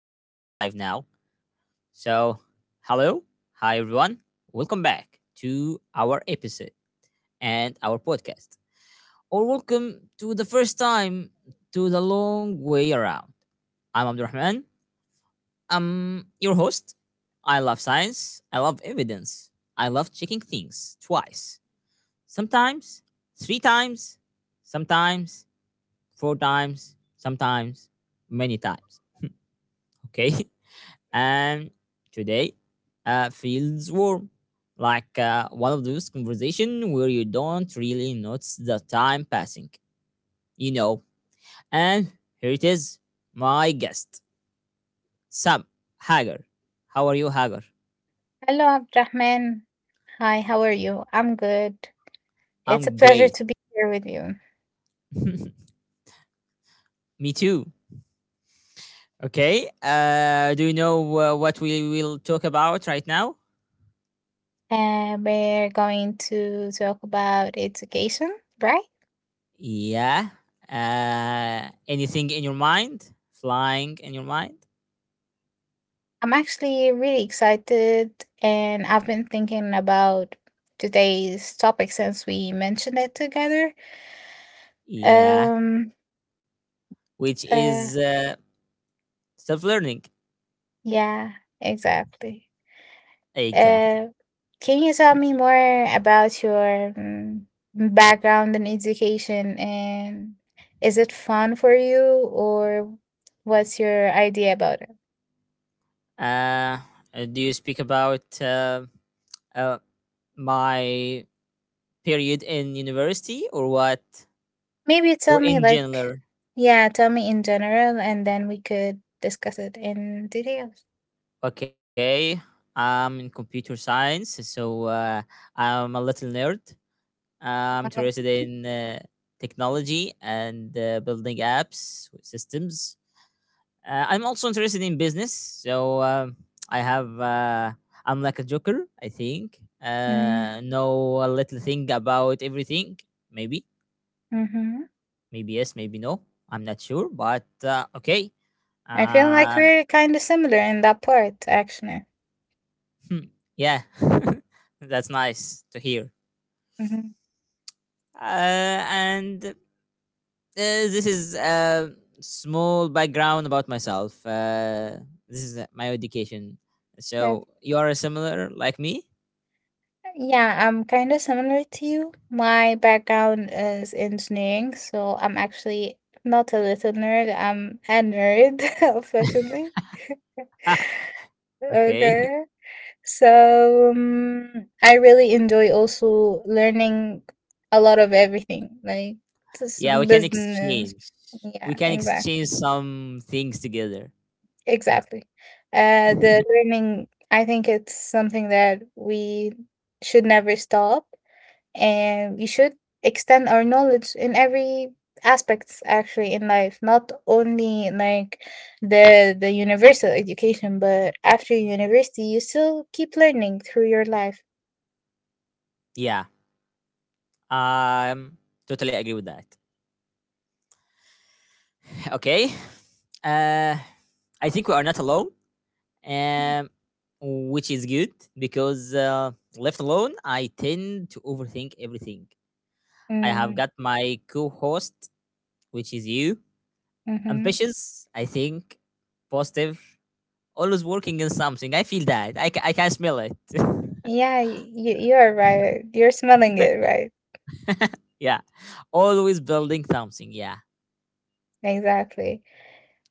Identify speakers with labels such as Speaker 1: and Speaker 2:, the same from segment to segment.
Speaker 1: We are live now. So, hello, hi everyone. Welcome back to our episode and our podcast. Or welcome to the first time to the long way around. I'm Abdurrahman. I'm your host. I love science. I love evidence. I love checking things twice. Sometimes, three times, sometimes, four times, sometimes, many times. Okay. And today feels warm, like one of those conversations where you don't really notice the time passing, you know and here it is, my guest, Sam Hager. How are you, Hager?
Speaker 2: Hello, Abdrahman. Hi, how are you? I'm good.
Speaker 1: I'm
Speaker 2: It's a pleasure
Speaker 1: great.
Speaker 2: to be here with you.
Speaker 1: Me too. Okay. Do you know what we will talk about right now?
Speaker 2: We're going to talk about education, right?
Speaker 1: Yeah. Anything in your mind, flying in your mind?
Speaker 2: I'm actually really excited, and I've been thinking about today's topic since we mentioned it together.
Speaker 1: Yeah,
Speaker 2: Um,
Speaker 1: which
Speaker 2: uh,
Speaker 1: is, self learning.
Speaker 2: yeah, exactly.
Speaker 1: Exactly.
Speaker 2: Uh, can you tell
Speaker 1: Yeah.
Speaker 2: me more about your background in education and is it fun for you or what's your idea about it?
Speaker 1: Uh, do you speak about uh, my period in university or what?
Speaker 2: Maybe tell
Speaker 1: Or
Speaker 2: me
Speaker 1: in
Speaker 2: like
Speaker 1: general?
Speaker 2: yeah, tell me in general and then we could discuss it in details.
Speaker 1: Okay. I'm in computer science, so I'm a little nerd. I'm
Speaker 2: Uh,
Speaker 1: interested in technology and, building apps, systems. I'm also interested in business, so I have. I'm like a joker, I think.
Speaker 2: mm,
Speaker 1: Know a little thing about everything. Maybe,
Speaker 2: mhm.
Speaker 1: maybe yes, maybe no. I'm not sure, but okay.
Speaker 2: I feel like
Speaker 1: Uh,
Speaker 2: we're kind of similar in that part actually.
Speaker 1: hmm, yeah, that's nice to hear.
Speaker 2: Mm-hmm.
Speaker 1: And This is a small background about myself. This is my education.
Speaker 2: Yeah.
Speaker 1: So you are similar like me.
Speaker 2: Yeah, I'm kind of similar to you. My background is engineering, so I'm actually not a little nerd, I'm a nerd officially.
Speaker 1: Okay.
Speaker 2: Okay. So I really enjoy also learning a lot of everything, like just
Speaker 1: Yeah, we can
Speaker 2: business.
Speaker 1: exchange. We
Speaker 2: Yeah,
Speaker 1: can
Speaker 2: exact,
Speaker 1: exchange some things together.
Speaker 2: exactly. The learning, I think it's something that we should never stop and we should extend our knowledge in every aspects actually in life, not only like the universal education, but after university you still keep learning through your life.
Speaker 1: Yeah. Um Totally agree with that. Okay. Uh I think we are not alone. Um which is good because, left alone, I tend to overthink everything. I have
Speaker 2: Mm-hmm.
Speaker 1: got my co-host, which is you. Ambitious, I think, positive, always working in something. I feel that. I can smell it.
Speaker 2: Yeah, you are right, you're smelling it right.
Speaker 1: Yeah, always building something. Yeah,
Speaker 2: Exactly.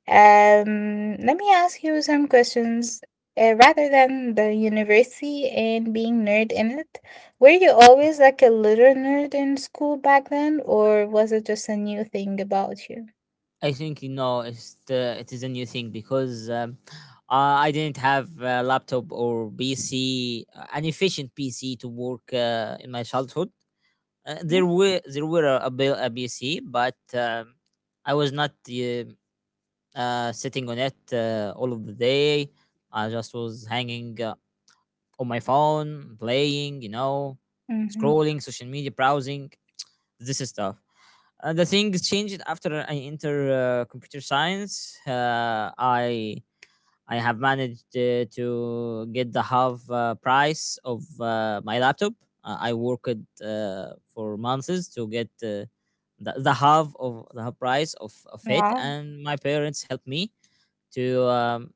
Speaker 2: Let me ask you some questions. Rather than the university and being nerd in it, were you always like a little nerd in school back then, or was it just a new thing about you?
Speaker 1: I think you know it's the, it is a new thing because, I didn't have a laptop or PC, an efficient PC to work, in my childhood. There were a, bill- A PC, but I was not, uh, sitting on it all of the day. I just was hanging, on my phone playing,
Speaker 2: Mm-hmm.
Speaker 1: scrolling social media, browsing. This is tough. The thing changed after I enter computer science. I have managed to get the half price of my laptop. I worked for months to get the half of the half price of it,
Speaker 2: Wow,
Speaker 1: and my parents helped me to um,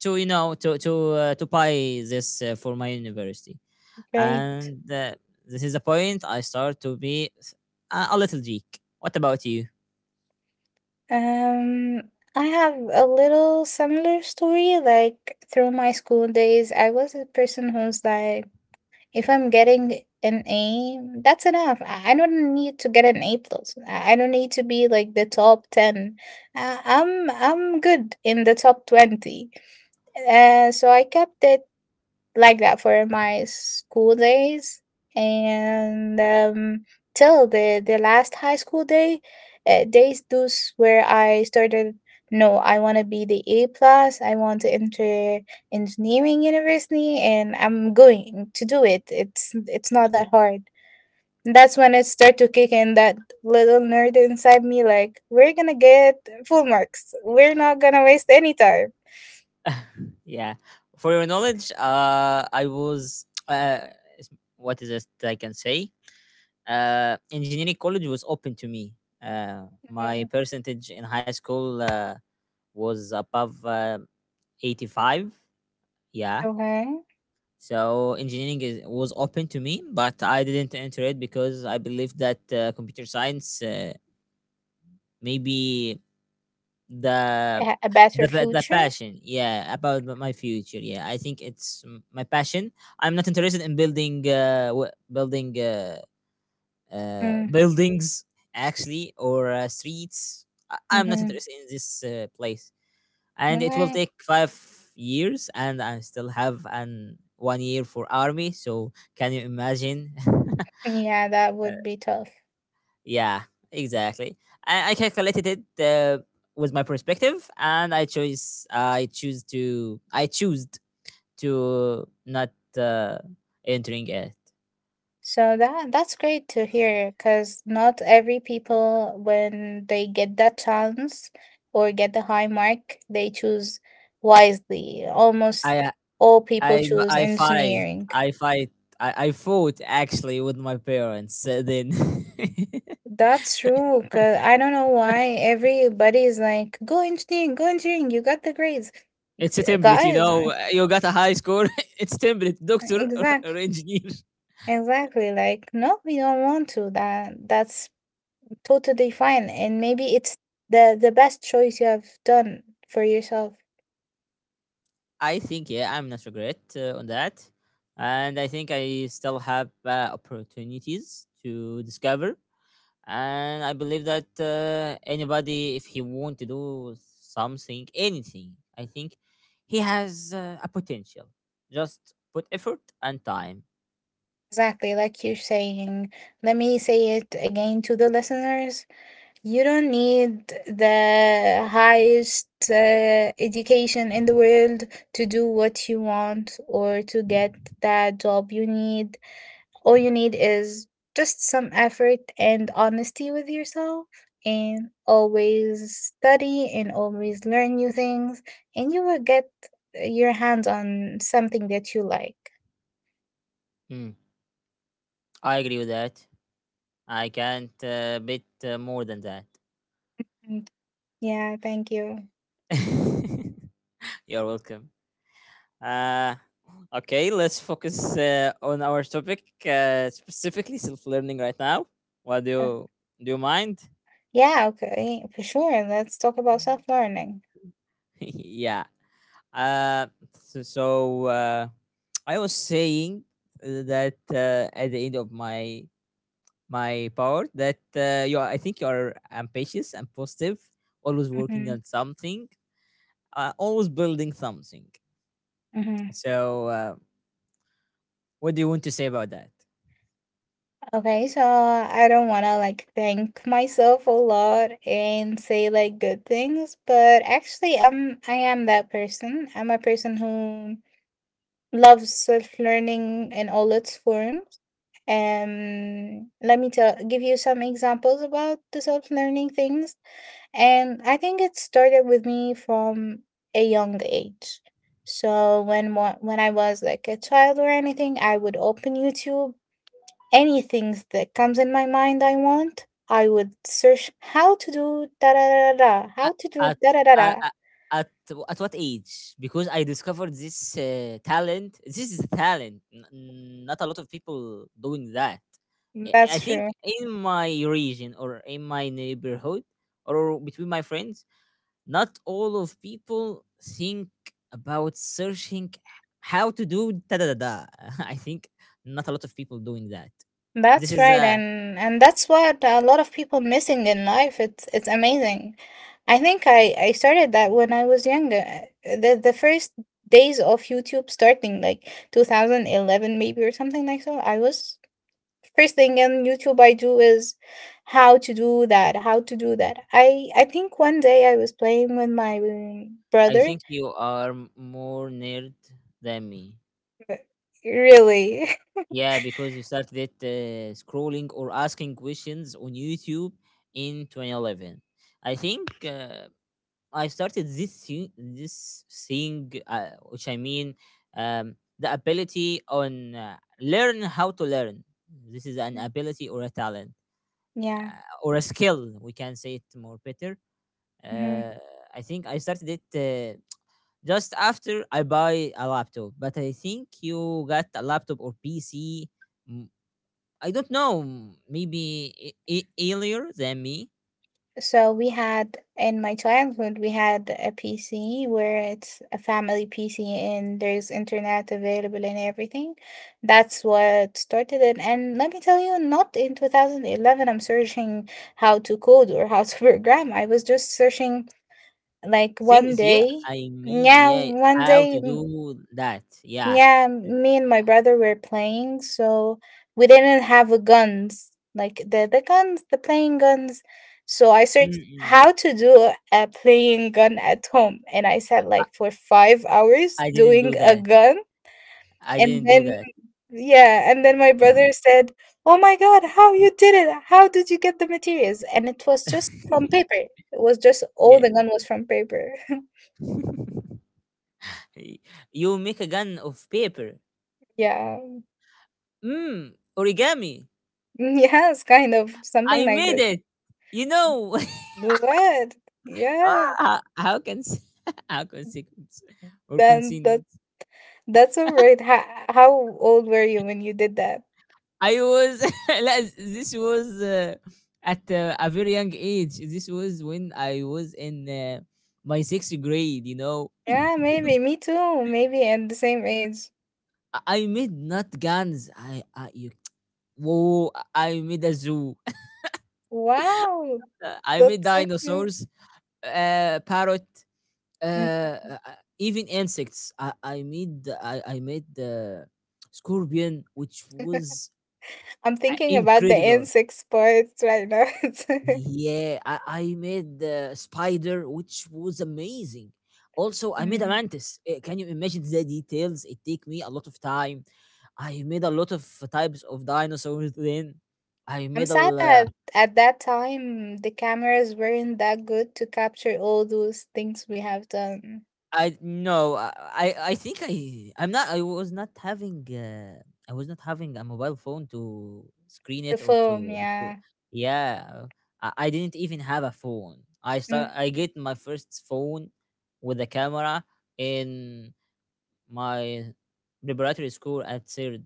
Speaker 1: to to buy this for my university.
Speaker 2: great.
Speaker 1: And This is the point I start to be a little geek. What about you?
Speaker 2: Um, I have a little similar story. Like through my school days, I was a person who's like, if I'm getting an A, that's enough. I don't need to get an A plus. I don't need to be like the top ten. I'm good in the top 20. So I kept it like that for my school days and till the last high school days, those where I started, no, I want to be the A plus, I want to enter engineering university and I'm going to do it. It's not that hard. That's when it started to kick in, that little nerd inside me, like we're gonna get full marks, we're not gonna waste any time.
Speaker 1: Yeah, for your knowledge, is- what is it I can say? Engineering college was open to me. My
Speaker 2: Mm,
Speaker 1: percentage in high school was above 85. Yeah.
Speaker 2: okay.
Speaker 1: So was open to me, but I didn't enter it because I believe that computer science, maybe the,
Speaker 2: A a better
Speaker 1: the
Speaker 2: future.
Speaker 1: passion, yeah, about my future. Yeah, I think it's my passion. I'm not interested in building
Speaker 2: Mm.
Speaker 1: buildings actually, or streets. I'm not
Speaker 2: Mhm.
Speaker 1: interested in this place, and it will
Speaker 2: Okay.
Speaker 1: take 5 years, and I still have an one year for army, so can you imagine?
Speaker 2: Yeah, that would be tough.
Speaker 1: Yeah, exactly. I calculated it with my perspective, and I chose I choose to not, uh, entering it.
Speaker 2: So that that's great to hear because not every people when they get that chance or get the high mark, they choose wisely. Almost
Speaker 1: I
Speaker 2: all people
Speaker 1: I
Speaker 2: choose
Speaker 1: I fight
Speaker 2: engineering.
Speaker 1: I fight. I fought actually with my parents. Then
Speaker 2: That's true, because I don't know why everybody is like, go engineering, you got the grades.
Speaker 1: it's a
Speaker 2: G-
Speaker 1: template, you
Speaker 2: guys,
Speaker 1: know. You got a high score. It's template, doctor
Speaker 2: exactly,
Speaker 1: or engineer.
Speaker 2: exactly. Like, no, we don't want to. That's totally fine, and maybe it's the best choice you have done for yourself.
Speaker 1: I think, yeah, I'm not regret on that, and I think I still have opportunities to discover. And I believe that, anybody, if he want to do something, anything, I think he has a potential. Just put effort and time.
Speaker 2: Exactly, like you're saying. Let me say it again to the listeners. You don't need the highest education in the world to do what you want or to get that job you need. All you need is just some effort and honesty with yourself, and always study and always learn new things, and you will get your hands on something that you like.
Speaker 1: Mm, I agree with that. I can't bit more than that.
Speaker 2: And yeah, thank you.
Speaker 1: You're welcome. Uh, Okay, let's focus on our topic, specifically self-learning right now. What do
Speaker 2: Uh,
Speaker 1: you Do you mind?
Speaker 2: yeah, okay, for sure. Let's talk about self learning.
Speaker 1: Yeah. So I was saying, that, at the end of my, my part, that, I think you are ambitious and positive, always working
Speaker 2: Hmm.
Speaker 1: on something, always building something.
Speaker 2: Hmm.
Speaker 1: So, what do you want to say about that?
Speaker 2: Okay, so I don't want to like thank myself a lot and say like good things, but actually I am that person. I'm a person who loves self learning in all its forms. Let me tell give you some examples about the self learning things. And I think it started with me from a young age. So when when I was like a child or anything, I would open YouTube. Anything that comes in my mind I want, I would search how to do da da da da da, how
Speaker 1: At
Speaker 2: to do
Speaker 1: at
Speaker 2: da da da
Speaker 1: uh,
Speaker 2: da.
Speaker 1: uh, at what age? Because I discovered this talent. This is a talent. Not a lot of people doing that. I
Speaker 2: That's
Speaker 1: think
Speaker 2: true.
Speaker 1: in my region or in my neighborhood or between my friends, not all of people think about searching how to do da da da da. I think not a lot of people doing that. This
Speaker 2: That's
Speaker 1: is,
Speaker 2: right, and that's what a lot of people missing in life. It's amazing. I think I started that when I was younger. The first days of YouTube starting like 2011 maybe or something like so. I was, first thing on YouTube I do is, how to do that, how to do that. I think one day I was playing with my
Speaker 1: I
Speaker 2: brother.
Speaker 1: think you are more nerd than me.
Speaker 2: Really.
Speaker 1: Yeah, because you started it, scrolling or asking questions on YouTube in 2011. I think, I started this thing, which I mean, the ability on, learn how to learn. This is an ability or a talent,
Speaker 2: Yeah.
Speaker 1: or a skill. We can say it more better.
Speaker 2: Mhm.
Speaker 1: Uh, I think I started it just after I buy a laptop, but I think you got a laptop or PC. mm, I don't know, maybe earlier than me.
Speaker 2: So we had, in my childhood we had a PC, where it's a family PC and there's internet available and everything. That's what started it. And let me tell you, not in 2011 I'm searching how to code or how to program. I was just searching like one
Speaker 1: Things,
Speaker 2: day.
Speaker 1: yeah. I mean,
Speaker 2: Yeah,
Speaker 1: yeah,
Speaker 2: one
Speaker 1: how to
Speaker 2: day,
Speaker 1: do that? Yeah.
Speaker 2: yeah, me and my brother were playing, so we didn't have a guns, like the guns, the playing guns. So I searched
Speaker 1: Mm.
Speaker 2: how to do a playing gun at home, and I sat
Speaker 1: I
Speaker 2: like for 5 hours
Speaker 1: I didn't
Speaker 2: doing
Speaker 1: do
Speaker 2: a
Speaker 1: that.
Speaker 2: gun.
Speaker 1: I
Speaker 2: And
Speaker 1: didn't do
Speaker 2: then
Speaker 1: that.
Speaker 2: yeah, and then my brother said, "Oh my God, how you did it? How did you get the materials?" And it was just from paper. It was just all
Speaker 1: Yeah.
Speaker 2: the gun was from paper.
Speaker 1: Y- You make a gun of paper.
Speaker 2: Yeah.
Speaker 1: Mm, origami.
Speaker 2: Yes, kind of something
Speaker 1: I
Speaker 2: like
Speaker 1: made
Speaker 2: this.
Speaker 1: it. You know.
Speaker 2: What? Yeah.
Speaker 1: Ah, how can sequence or
Speaker 2: Then
Speaker 1: continue?
Speaker 2: that that's all right. How old were you when you did that?
Speaker 1: I was like, this was at a very young age. This was when I was in my sixth grade. You know,
Speaker 2: Yeah, maybe. Me too. Maybe and the same age.
Speaker 1: I made not guns. Whoa! I made a zoo.
Speaker 2: Wow.
Speaker 1: I made
Speaker 2: That's so cute.
Speaker 1: dinosaurs, parrot,
Speaker 2: Mm.
Speaker 1: even insects. I made the scorpion, which was
Speaker 2: I'm thinking about the
Speaker 1: incredible.
Speaker 2: insects parts right now.
Speaker 1: Yeah, I made the spider, which was amazing. Also, I made a
Speaker 2: Mm.
Speaker 1: mantis. Can you imagine the details? It take me a lot of time. I made a lot of types of dinosaurs then. I
Speaker 2: I'm
Speaker 1: made a
Speaker 2: sad
Speaker 1: l-
Speaker 2: that at that time the cameras weren't that good to capture all those things we have done.
Speaker 1: I no I I think I was not having, I was not having a mobile phone to screen
Speaker 2: The
Speaker 1: it or
Speaker 2: film,
Speaker 1: to-
Speaker 2: yeah.
Speaker 1: yeah. I didn't even have a phone.
Speaker 2: Mm.
Speaker 1: I get my first phone with a camera in my preparatory school at third.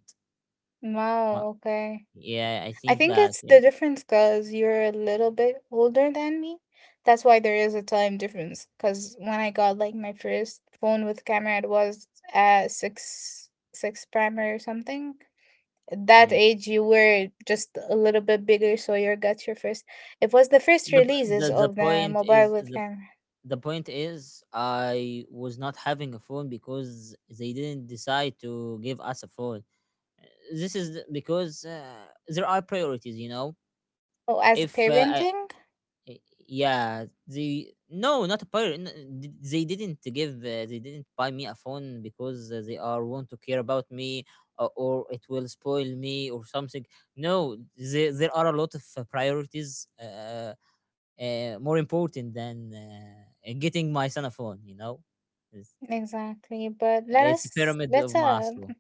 Speaker 1: Ma-
Speaker 2: Wow, okay.
Speaker 1: Yeah, I
Speaker 2: I
Speaker 1: think
Speaker 2: think
Speaker 1: that,
Speaker 2: it's
Speaker 1: yeah.
Speaker 2: the difference because you're a little bit older than me. That's why there is a time difference. Because when I got like my first phone with camera, it was at six six primary or something. At that
Speaker 1: Mm.
Speaker 2: age, you were just a little bit bigger, so you got your first. It was the first
Speaker 1: The,
Speaker 2: releases
Speaker 1: the the
Speaker 2: of the
Speaker 1: point
Speaker 2: mobile
Speaker 1: is
Speaker 2: with
Speaker 1: the
Speaker 2: camera.
Speaker 1: the point is, I was not having a phone because they didn't decide to give us a phone. Uh, because, there are priorities, you know.
Speaker 2: Oh, as
Speaker 1: If I,
Speaker 2: parenting,
Speaker 1: Y- Yeah, they no not a pirate, they didn't give, they didn't buy me a phone because, they are want to care about me, or it will spoil me or something. No, there, there are a lot of priorities, more important than getting my son a phone, you know. it's,
Speaker 2: exactly. But let
Speaker 1: it's a
Speaker 2: us
Speaker 1: pyramid of Maslow.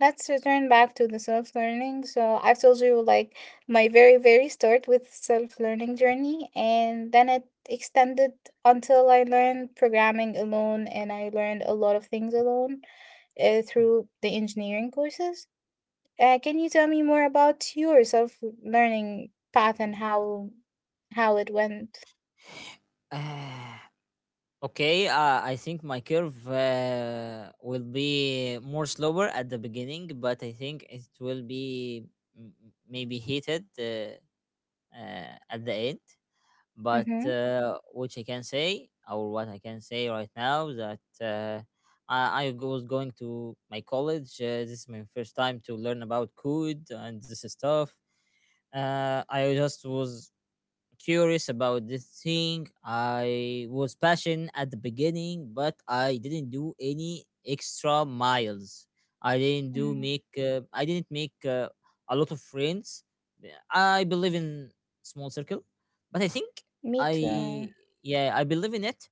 Speaker 2: let's return back to the self learning. So I've told you like my very very start with self learning journey, and then it extended until I learned programming alone, and I learned a lot of things alone through the engineering courses. Can you tell me more about your self learning path and how it went?
Speaker 1: Okay, I think my curve will be more slower at the beginning, but I think it will be, maybe heated, at the end. But,
Speaker 2: Mm-hmm.
Speaker 1: which I can say, or what I can say right now, that, was going to my college. This is my first time to learn about code and this stuff. I just was curious about this thing. I was passionate at the beginning, but I didn't do any extra miles. I didn't do
Speaker 2: Mm.
Speaker 1: make. I didn't make a lot of friends. Yeah, I believe in small circle, but I think
Speaker 2: Me too.
Speaker 1: I yeah, I believe in it.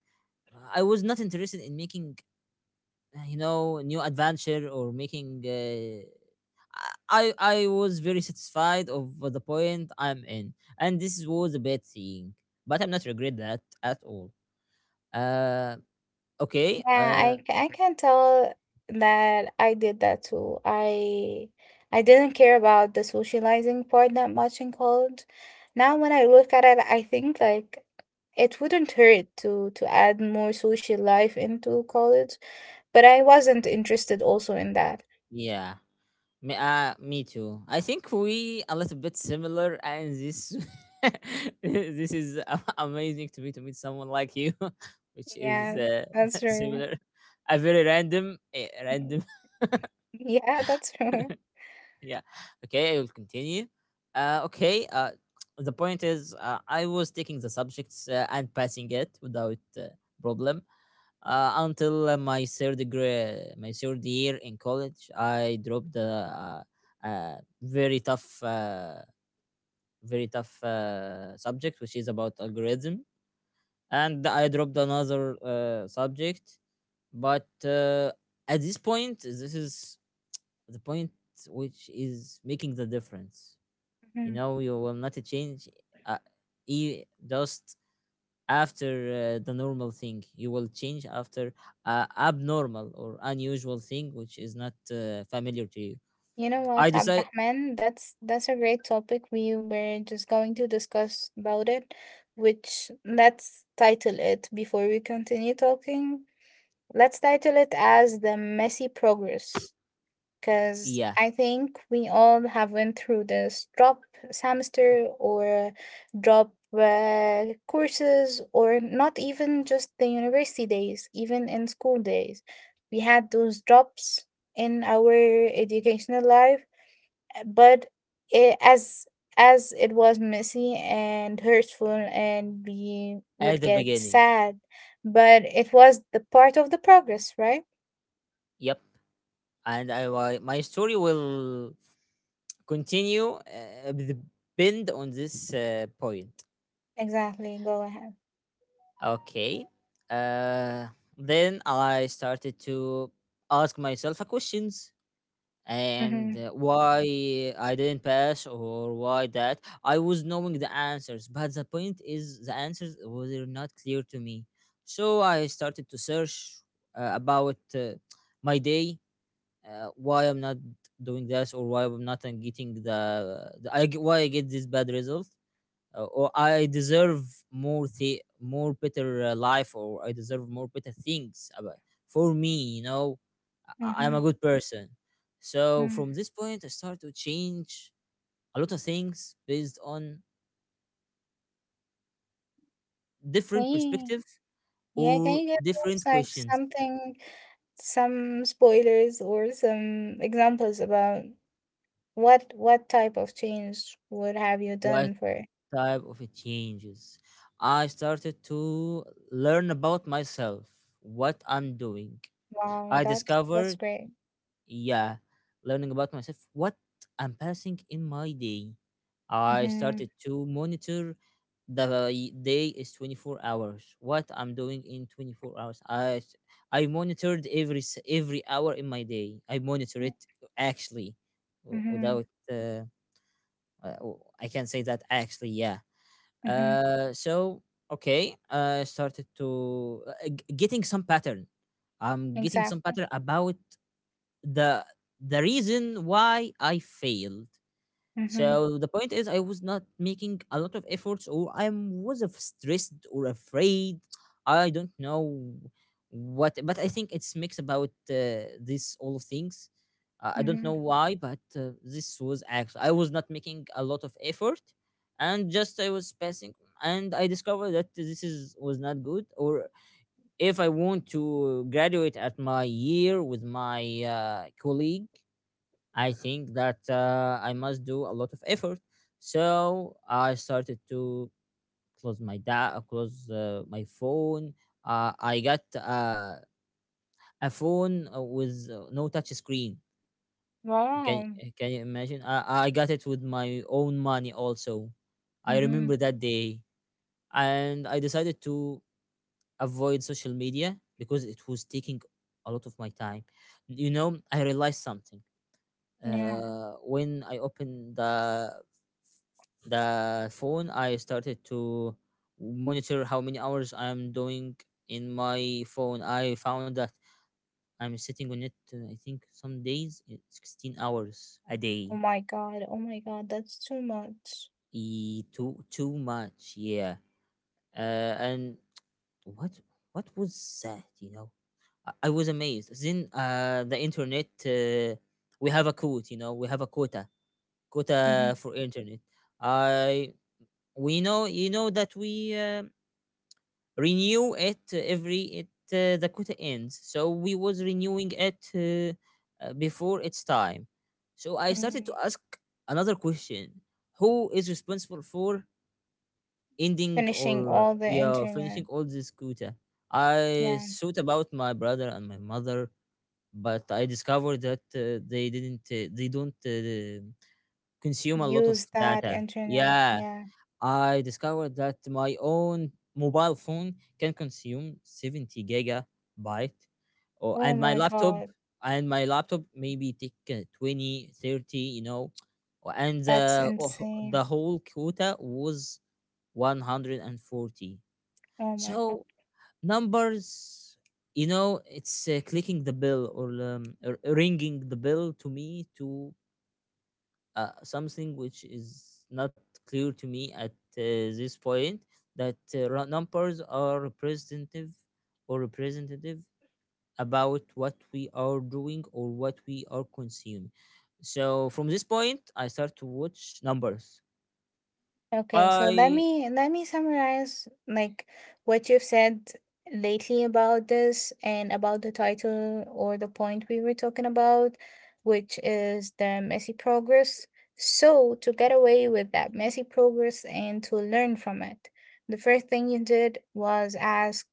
Speaker 1: I was not interested in making, new adventure, or making, I was very satisfied of the point I'm in, and this was a bad thing. But I'm not regret that at all. Uh, okay.
Speaker 2: Yeah, I can tell that I did that too. I didn't care about the socializing part that much in college. Now when I look at it, I think like it wouldn't hurt to add more social life into college, but I wasn't interested also in that.
Speaker 1: Yeah. Me too. I think we a little bit similar, and this this is amazing to me to meet someone like you, which is
Speaker 2: Yeah, that's true.
Speaker 1: similar. A very random, random.
Speaker 2: Yeah, that's true.
Speaker 1: Yeah. Okay, I will continue. uh okay uh the point is, I was taking the subjects and passing it without problem, until my third grade my third year in college. I dropped the uh, very tough very tough subject, which is about algorithm. And I dropped another subject. But at this point, this is the point which is making the difference. You will not change, uh, just after the normal thing. You will change after abnormal or unusual thing, which is not familiar to you.
Speaker 2: You know
Speaker 1: I
Speaker 2: what,
Speaker 1: decide,
Speaker 2: Abdurrahman? That's a great topic. We were just going to discuss about it, which, let's title it before we continue talking. Let's title it as the messy progress,
Speaker 1: yeah,
Speaker 2: because I think we all have went through this drop semester or drop courses, or not even just the university days, even in school days. We had those drops in our educational life, but it, as it was messy and hurtful and we
Speaker 1: at
Speaker 2: would
Speaker 1: the
Speaker 2: get
Speaker 1: beginning.
Speaker 2: sad, but it was the part of the progress, right?
Speaker 1: Yep, and my story will continue, with the bend on this point.
Speaker 2: Exactly, go ahead.
Speaker 1: Okay. Uh, then I started to ask myself a questions.
Speaker 2: Mm-hmm.
Speaker 1: And Why I didn't pass or why that? I was knowing the answers, but the point is the answers were not clear to me. So I started to search, about my day, why I'm not doing this or why I'm not getting why I get this bad result, or I deserve more better life, or I deserve more better things about for me. I-
Speaker 2: Mm-hmm.
Speaker 1: I'm a good person. So
Speaker 2: Mm.
Speaker 1: from this point, I start to change a lot of things based on different
Speaker 2: Hey,
Speaker 1: perspective
Speaker 2: yeah, can
Speaker 1: or
Speaker 2: you give us
Speaker 1: different
Speaker 2: like
Speaker 1: questions.
Speaker 2: something, some spoilers or some examples about what type of change would have you
Speaker 1: What
Speaker 2: done for it?
Speaker 1: type of it changes? I started to learn about myself, what I'm doing.
Speaker 2: Wow,
Speaker 1: I
Speaker 2: that that's
Speaker 1: discovered,
Speaker 2: great.
Speaker 1: yeah, learning about myself, what I'm passing in my day. I
Speaker 2: Mm-hmm.
Speaker 1: started to monitor. The day is 24 hours. What I'm doing in 24 hours? I monitored every every hour in my day. I monitor it, actually w-
Speaker 2: Mm-hmm.
Speaker 1: without uh, w- I can say that actually, yeah.
Speaker 2: Mm-hmm.
Speaker 1: So okay, I started to getting some pattern. I'm getting some
Speaker 2: Exactly.
Speaker 1: pattern about the the reason why I failed.
Speaker 2: Mhm,
Speaker 1: So the point is I was not making a lot of efforts, or I was stressed or afraid. I don't know what, but I think it's mix about this all of things. I don't
Speaker 2: mhm.
Speaker 1: know why, but this was actually I was not making a lot of effort, and just I was passing. And I discovered that this is was not good, or if I want to graduate at my year with my colleague, I think that I must do a lot of effort. So I started to close my phone. I got a phone, with no touch screen. Can
Speaker 2: Wow.
Speaker 1: you imagine? I got it with my own money also. I remember
Speaker 2: Mhm.
Speaker 1: that day, and I decided to avoid social media because it was taking a lot of my time. You know, I realized something.
Speaker 2: Yeah.
Speaker 1: When I opened the phone, I started to monitor how many hours I'm doing in my phone. I found that I'm sitting on it I think some days 16 hours a day.
Speaker 2: Oh my God. Oh my God. That's too much.
Speaker 1: Too much, yeah. And what what was that? You know, I was amazed. Then the internet. We have a quote, you know, we have a quota, quota
Speaker 2: Mhm.
Speaker 1: for internet. I we know, you know, that we renew it every it the quota ends, so we was renewing it, before its time. So I started to
Speaker 2: Mm.
Speaker 1: ask another question: who is responsible for ending
Speaker 2: Finishing
Speaker 1: or,
Speaker 2: all the
Speaker 1: yeah, finishing
Speaker 2: internet.
Speaker 1: all this quota? I
Speaker 2: Yeah.
Speaker 1: thought about my brother and my mother, but I discovered that they don't consume a lot of
Speaker 2: Use that
Speaker 1: data,
Speaker 2: internet.
Speaker 1: yeah.
Speaker 2: Yeah.
Speaker 1: I discovered that my own mobile phone can consume 70 gigabyte, or
Speaker 2: Oh
Speaker 1: and my
Speaker 2: my
Speaker 1: laptop,
Speaker 2: God.
Speaker 1: and my laptop maybe take 20, 30, you know. And
Speaker 2: That's
Speaker 1: oh, the
Speaker 2: insane.
Speaker 1: whole quota was 140.
Speaker 2: Oh my God.
Speaker 1: So numbers, you know, it's clicking the bell, or ringing the bell to me, to something which is not clear to me at this point, that numbers are representative, or representative, about what we are doing or what we are consuming. So from this point, I start to watch numbers.
Speaker 2: Okay, so
Speaker 1: i
Speaker 2: let me summarize like what you've said lately about this and about the title or the point we were talking about, which is the messy progress. So to get away with that messy progress and to learn from it, the first thing you did was ask,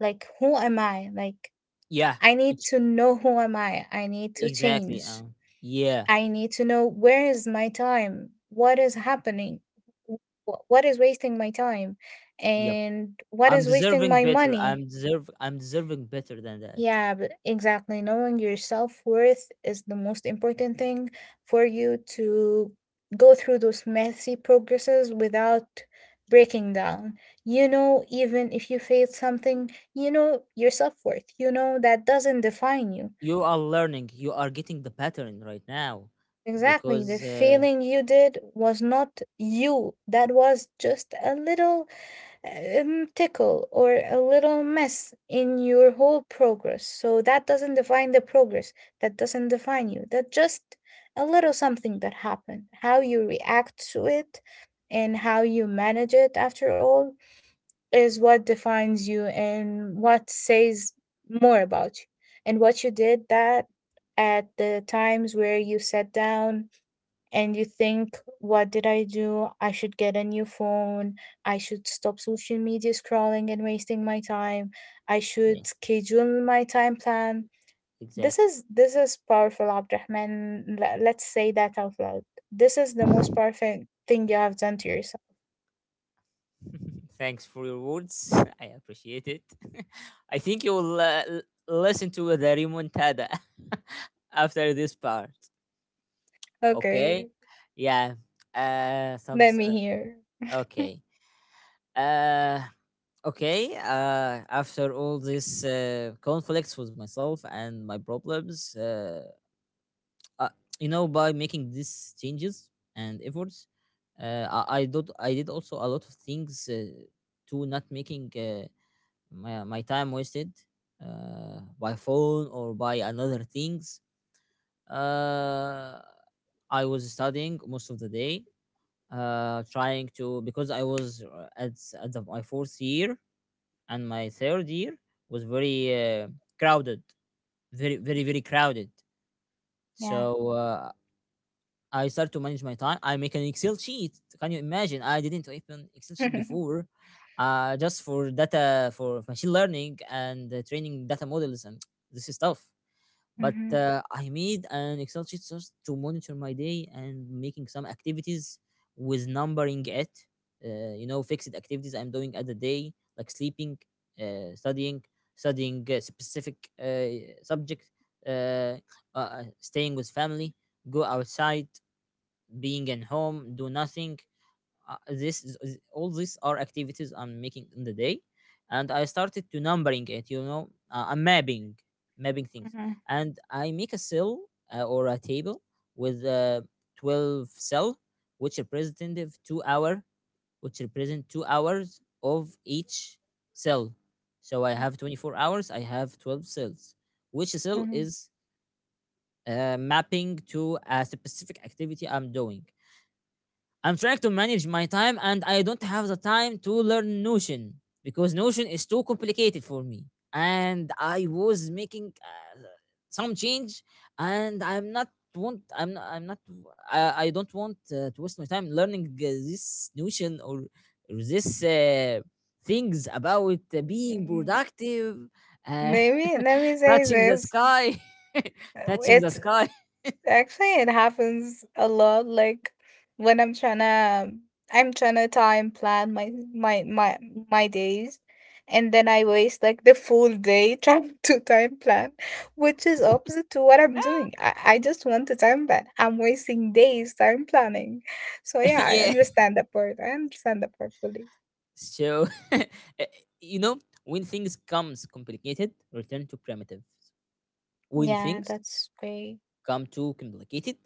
Speaker 2: like, who am I? Like,
Speaker 1: yeah
Speaker 2: I need
Speaker 1: ex-
Speaker 2: to know who am I. I need to
Speaker 1: exactly.
Speaker 2: change.
Speaker 1: Yeah
Speaker 2: I need to know where is my time? What is happening? Wh- what is wasting my time?
Speaker 1: yep
Speaker 2: And what
Speaker 1: I'm
Speaker 2: is wasting
Speaker 1: deserving
Speaker 2: my
Speaker 1: better.
Speaker 2: money?
Speaker 1: I'm deserving better than that.
Speaker 2: Yeah, but exactly. Knowing your self worth is the most important thing for you to go through those messy progresses without breaking down. You know, even if you failed something, you know your self worth. You know that doesn't define you.
Speaker 1: You are learning, you are getting the pattern right now,
Speaker 2: Exactly. The
Speaker 1: because
Speaker 2: failing you did was not you. That was just a little tickle or a little mess in your whole progress. So that doesn't define the progress. That doesn't define you. That just a little something that happened. How you react to it and how you manage it after all is what defines you and what says more about you. And what you did that, at the times where you sat down and you think, what did I do? I should get a new phone. I should stop social media scrolling and wasting my time. I
Speaker 1: yeah.
Speaker 2: should schedule my time plan. This
Speaker 1: Exactly.
Speaker 2: is this is powerful, Abdurrahman. Let's say that out loud. This is the most perfect thing you have done to yourself.
Speaker 1: Thanks for your words. I appreciate it. I think you will, listen to the remontada after this part. Okay.
Speaker 2: Okay,
Speaker 1: Yeah. Some.
Speaker 2: let
Speaker 1: S-
Speaker 2: me hear.
Speaker 1: Okay. Uh. Okay. After all these conflicts with myself and my problems, uh, you know, by making these changes and efforts, I did. I did also a lot of things, to not making my time wasted, by phone or by another things. uh, I was studying most of the day, trying to, because I was at the, my fourth year, and my third year was very crowded, very very very crowded.
Speaker 2: Yeah.
Speaker 1: So I start to manage my time. I make an Excel sheet. Can you imagine? I didn't open Excel sheet before, just for data for machine learning and training data models and this is stuff. But
Speaker 2: Mhm,
Speaker 1: I made an Excel sheet just to monitor my day and making some activities with numbering it. You know, fixed activities I'm doing at the day, like sleeping, studying, studying a specific subject, uh, staying with family, go outside, being at home, do nothing. This all these are activities I'm making in the day. And I started to numbering it, you know, I'm mapping things.
Speaker 2: mhm,
Speaker 1: And I make a cell, or a table, with 12 cell, which representative two hour which represent 2 hours of each cell. So I
Speaker 2: mhm,
Speaker 1: have 24 hours, I have 12 cells, which cell
Speaker 2: mhm.
Speaker 1: is mapping to a specific activity I'm doing. I'm trying to manage my time, and I don't have the time to learn Notion because Notion is too complicated for me. And I was making some change, and I'm not want I'm not I, I don't want, to waste my time learning this Notion, or this things about being productive, uh,
Speaker 2: Let me say
Speaker 1: touching the
Speaker 2: this.
Speaker 1: sky, touching the
Speaker 2: It's
Speaker 1: sky.
Speaker 2: Actually, it happens a lot. Like when I'm trying to time plan my days, and then I waste like the full day trying to time plan, which is opposite to what I'm doing. I just want to time plan. I'm wasting days time planning. So yeah, I
Speaker 1: Yeah.
Speaker 2: understand that part. I understand that part fully.
Speaker 1: So, you know, when things comes complicated, return to primitives. When
Speaker 2: Yeah,
Speaker 1: things
Speaker 2: that's great.
Speaker 1: come too complicated,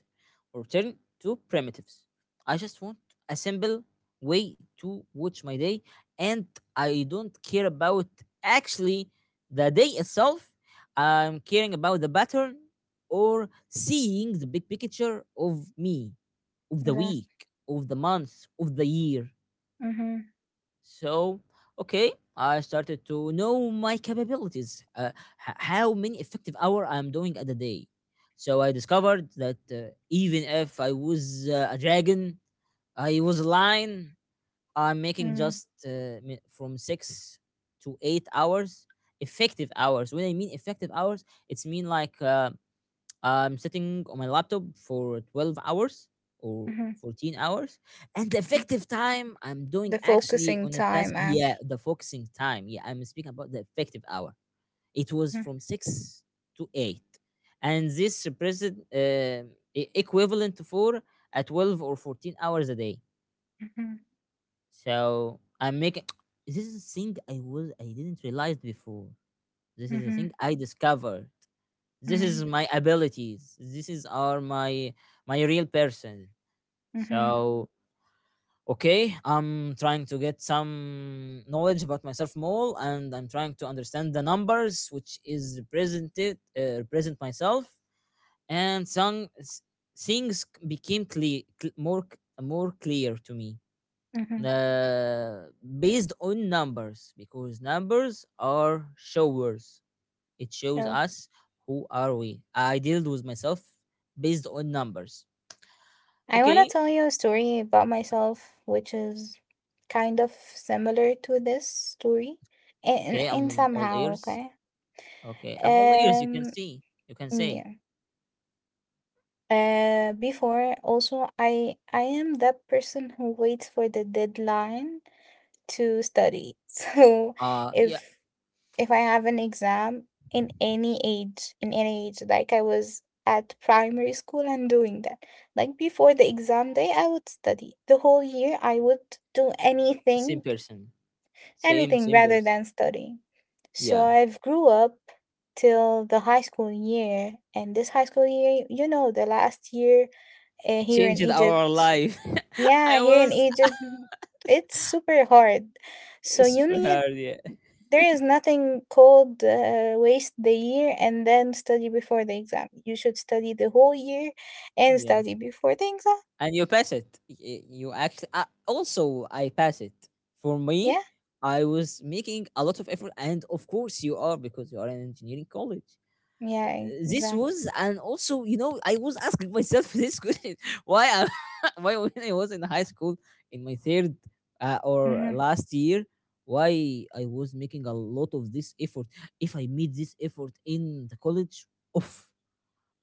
Speaker 1: return to primitives. I just want a simple way to watch my day, and I don't care about, actually, the day itself. I'm caring about the pattern, or seeing the big picture of me, of the
Speaker 2: Exactly.
Speaker 1: week, of the month, of the year.
Speaker 2: Mm-hmm.
Speaker 1: So, okay, I started to know my capabilities, how many effective hour I'm doing at a day. So I discovered that, even if I was a dragon, I was a lion, I'm making
Speaker 2: Mm-hmm.
Speaker 1: just from 6 to 8 hours effective hours. When I mean effective hours, it's mean like, I'm sitting on my laptop for 12 hours or
Speaker 2: Mm-hmm.
Speaker 1: 14 hours. And the effective time I'm doing
Speaker 2: The
Speaker 1: actually
Speaker 2: focusing
Speaker 1: on a task,
Speaker 2: time,
Speaker 1: yeah,
Speaker 2: actually.
Speaker 1: the focusing time. Yeah, I'm speaking about the effective hour. It was from 6 to 8. And this represent equivalent for a 12 or 14 hours a day.
Speaker 2: Mm-hmm.
Speaker 1: So I'm making this is a thing I was, I didn't realize before. This is a
Speaker 2: Mm-hmm.
Speaker 1: thing I discovered. This is my abilities, this is are my my real person.
Speaker 2: Mm-hmm.
Speaker 1: So, okay, I'm trying to get some knowledge about myself more, and I'm trying to understand the numbers which is represented, represent myself. And things became clear, more more clear to me,
Speaker 2: Mm-hmm.
Speaker 1: uh, based on numbers, because numbers are showers, it shows
Speaker 2: No.
Speaker 1: us who are we. I dealt with myself based on numbers.
Speaker 2: I want to
Speaker 1: Okay,
Speaker 2: tell you a story about myself, which is kind of similar to this story,
Speaker 1: okay,
Speaker 2: in
Speaker 1: I'm all
Speaker 2: somehow.
Speaker 1: ears.
Speaker 2: Okay.
Speaker 1: You can
Speaker 2: Um.
Speaker 1: see, you can say,
Speaker 2: Yeah. Before, also, I am that person who waits for the deadline to study. So
Speaker 1: yeah,
Speaker 2: if if I have an exam in any age, like I was at primary school and doing that. Like before the exam day, I would study. The whole year, I would do
Speaker 1: same
Speaker 2: anything,
Speaker 1: person,
Speaker 2: anything
Speaker 1: same
Speaker 2: rather
Speaker 1: person.
Speaker 2: than studying. So
Speaker 1: Yeah,
Speaker 2: I've grew up till the high school year, and this high school year, you know, the last year here in
Speaker 1: changed our
Speaker 2: Egypt,
Speaker 1: life.
Speaker 2: yeah,
Speaker 1: I
Speaker 2: here in
Speaker 1: was
Speaker 2: Egypt, it's super hard. So
Speaker 1: it's
Speaker 2: you
Speaker 1: super
Speaker 2: need,
Speaker 1: hard. Yeah,
Speaker 2: there is nothing called waste the year and then study before the exam. You should study the whole year and
Speaker 1: yeah,
Speaker 2: study before the exam.
Speaker 1: and you pass it. You actually, also I pass it. For me,
Speaker 2: Yeah,
Speaker 1: I was making a lot of effort, and of course you are because you are in engineering college. Uh,
Speaker 2: yeah,
Speaker 1: This
Speaker 2: exactly.
Speaker 1: was, and also, you know, I was asking myself this question: Why, why, when I was in high school, in my third, or
Speaker 2: Mm-hmm.
Speaker 1: last year, why I was making a lot of this effort? If I made this effort in the college, oof,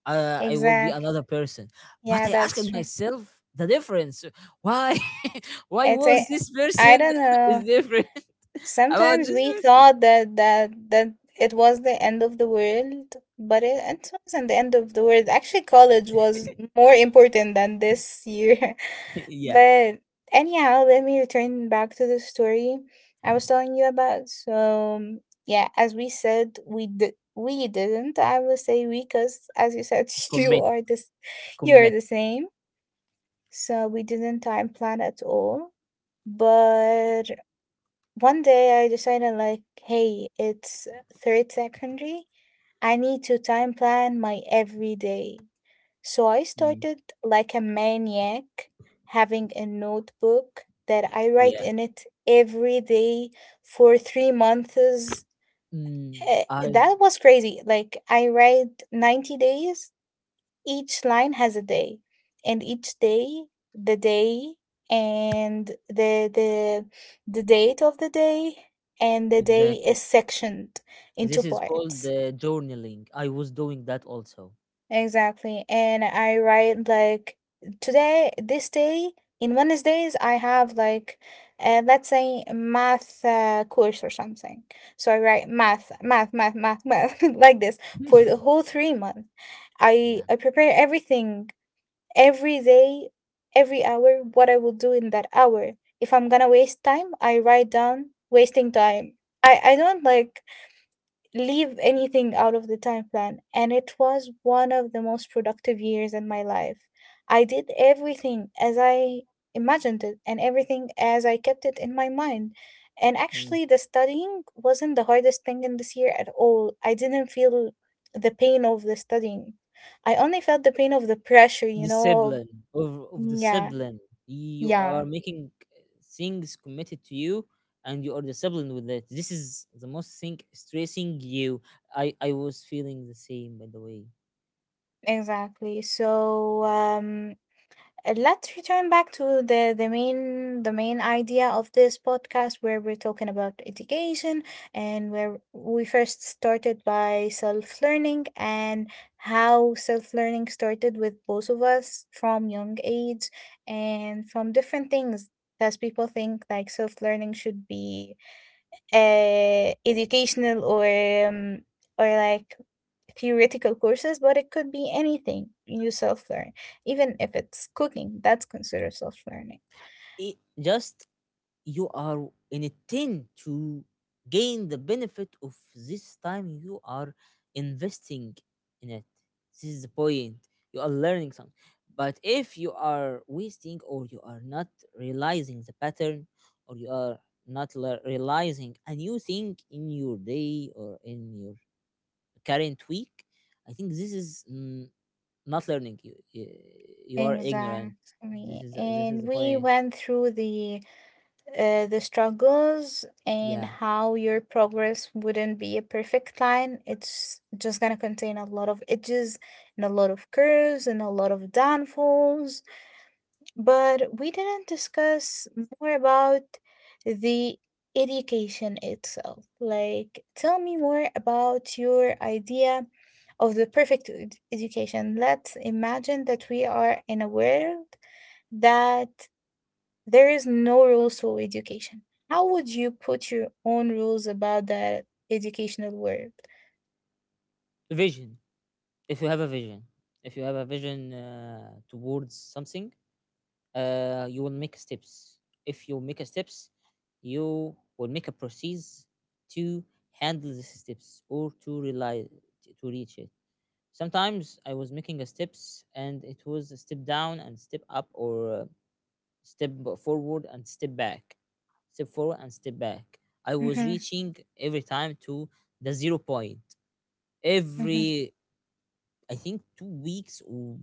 Speaker 1: I will be
Speaker 2: Exactly.
Speaker 1: another person. But
Speaker 2: Yeah,
Speaker 1: I asked
Speaker 2: that's true.
Speaker 1: myself the difference. Why, why
Speaker 2: It's
Speaker 1: was
Speaker 2: a,
Speaker 1: this
Speaker 2: I
Speaker 1: person
Speaker 2: don't
Speaker 1: is
Speaker 2: know.
Speaker 1: different about
Speaker 2: Sometimes
Speaker 1: this
Speaker 2: we
Speaker 1: person?
Speaker 2: thought that it was the end of the world, but it wasn't the end of the world. Actually, college was more important than this year.
Speaker 1: Yeah,
Speaker 2: But anyhow, let me return back to the story I was telling you about. So yeah, as we said, we didn't. I will say we because as you said, you
Speaker 1: commit,
Speaker 2: are this, you are
Speaker 1: commit.
Speaker 2: the same. So we didn't time plan at all. But 1 day I decided like, hey, it's third secondary. I need to time plan my every day. So I
Speaker 1: Mm.
Speaker 2: started like a maniac, having a notebook that I write
Speaker 1: Yeah.
Speaker 2: in it every day for 3 months.
Speaker 1: Mm, I.
Speaker 2: That was crazy. Like, I write 90 days, each line has a day, and each day, the day, and the the date of the day and the day
Speaker 1: Exactly.
Speaker 2: is sectioned into
Speaker 1: This is called
Speaker 2: parts.
Speaker 1: the journaling. I was doing that also.
Speaker 2: Exactly. And I write like today, this day, in Wednesdays, I have like, let's say math course or something. So I write math, math, math, math, math, like this for the whole 3 months. I,
Speaker 1: Yeah.
Speaker 2: I prepare everything every day, every hour, what I will do in that hour. If I'm gonna waste time, I write down wasting time. I don't like leave anything out of the time plan. And it was one of the most productive years in my life. I did everything as I imagined it and everything as I kept it in my mind. And
Speaker 1: Mm.
Speaker 2: actually, the studying wasn't the hardest thing in this year at all. I didn't feel the pain of the studying. I only felt the pain of the pressure, you know.
Speaker 1: Discipline, of
Speaker 2: Yeah,
Speaker 1: discipline. You
Speaker 2: yeah,
Speaker 1: are making, things committed to you, and you are disciplined with it. This is the most thing stressing you. I was feeling the same, by the way.
Speaker 2: exactly. So, let's return back to the main idea of this podcast where we're talking about education and where we first started by self-learning and how self-learning started with both of us from young age and from different things because people think like self-learning should be educational um, or like theoretical courses, but it could be anything you self learn. Even if it's cooking, that's considered self learning.
Speaker 1: It, just you are intend to gain the benefit of this time you are investing in it. This is the point. You are learning something, but if you are wasting or you are not realizing the pattern, or you are not le- realizing a new thing in your day or in your current week, I think this is not learning. You you are ignorant.
Speaker 2: Exactly.
Speaker 1: This is
Speaker 2: And
Speaker 1: the
Speaker 2: we
Speaker 1: point.
Speaker 2: went through the struggles and
Speaker 1: Yeah.
Speaker 2: how your progress wouldn't be a perfect line. It's just gonna contain a lot of edges and a lot of curves and a lot of downfalls, but we didn't discuss more about the education itself. Like, tell me more about your idea of the perfect education. Let's imagine that we are in a world that there is no rules for education. How would you put your own rules about that educational world?
Speaker 1: Vision. If you have a vision, if you have a vision towards something, you will make steps. If you make a steps, you will make a process to handle these steps or to rely, to reach it. Sometimes I was making a steps and it was a step down and step up, or step forward and step back, step forward and step back. I was
Speaker 2: Hmm.
Speaker 1: reaching every time to the zero point.
Speaker 2: Hmm.
Speaker 1: Every I think 2 weeks or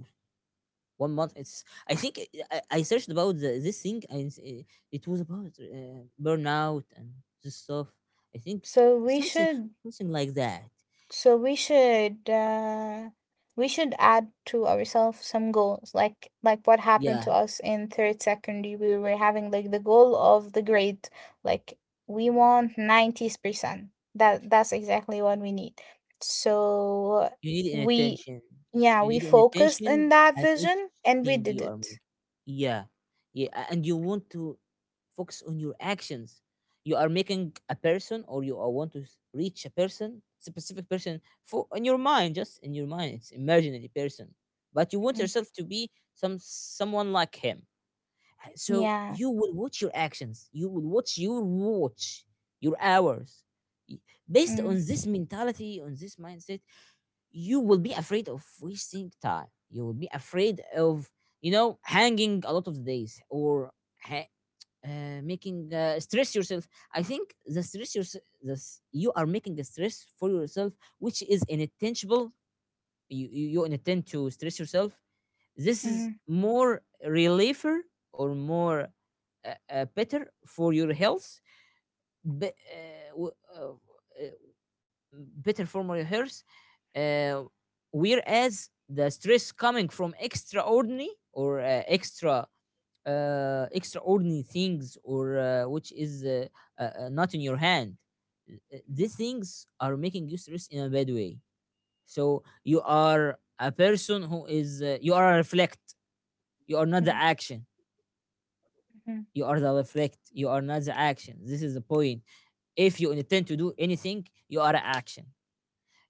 Speaker 1: 1 month, it's I think I searched about this thing and it was about burnout and this stuff. I think
Speaker 2: So we
Speaker 1: something,
Speaker 2: should
Speaker 1: something like that.
Speaker 2: So we should uh, we should add to ourselves some goals, like what happened
Speaker 1: Yeah.
Speaker 2: to us in third secondary. We were having like the goal of the grade, like we want nineties percent. That that's exactly what we need. So
Speaker 1: You need an
Speaker 2: we,
Speaker 1: attention.
Speaker 2: yeah,
Speaker 1: You
Speaker 2: we
Speaker 1: need an
Speaker 2: focused in
Speaker 1: attention
Speaker 2: that
Speaker 1: at each
Speaker 2: vision and we
Speaker 1: thing
Speaker 2: did
Speaker 1: you are making.
Speaker 2: it.
Speaker 1: Yeah. Yeah. And you want to focus on your actions. You are making a person, or you are want to reach a person, specific person for in your mind, just in your mind. It's imaginary person. But you want
Speaker 2: Mhm.
Speaker 1: yourself to be someone like him. So
Speaker 2: Yeah.
Speaker 1: you will watch your actions. You will watch, your hours. Y- Based on
Speaker 2: Mm.
Speaker 1: this mentality, on this mindset, you will be afraid of wasting time. You will be afraid of, you know, hanging a lot of the days or ha- making stress yourself. I think the stress yourself, you are making the stress for yourself, which is inattentional. You intend to stress yourself. This is
Speaker 2: Mm.
Speaker 1: more reliever or more better for your health. But, better formal rehearse. Uh, whereas the stress coming from extraordinary or extra extraordinary things, or which is not in your hand. These
Speaker 2: Mm,
Speaker 1: things are making you stress in a bad way. So you are a person who is you are a reflect, you are not the
Speaker 2: mm,
Speaker 1: action.
Speaker 2: mm.
Speaker 1: You are the reflect, you are not the action. This is the point. If you intend to do anything, you are a action.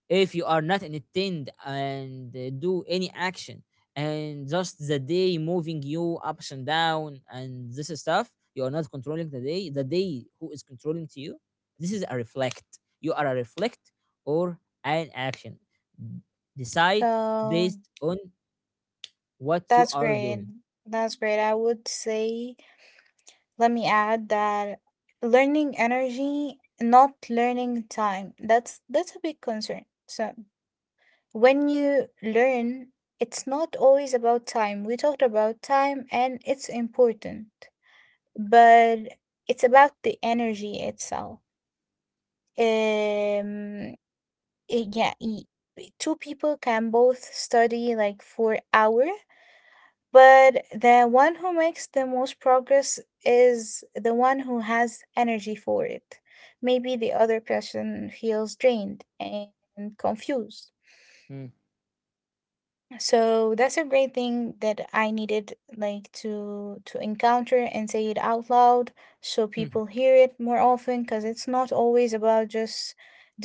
Speaker 1: If you are not entertained and do any action, and just the day moving you ups and down and this stuff, you are not controlling the day. The day who is controlling to you. This is a reflect. You are a reflect or an action. Decide
Speaker 2: So
Speaker 1: based on what you
Speaker 2: that's
Speaker 1: are
Speaker 2: great.
Speaker 1: doing.
Speaker 2: That's great. I would say, let me add that learning energy, not learning time. That's a big concern. So when you learn, it's not always about time. We talked about time and it's important, but it's about the energy itself. Um, yeah, two people can both study like for hours, but the one who makes the most progress is the one who has energy for it. Maybe the other person feels drained and confused.
Speaker 1: Hmm.
Speaker 2: So that's a great thing that I needed like to encounter and say it out loud so
Speaker 1: Hmm.
Speaker 2: people hear it more often because it's not always about just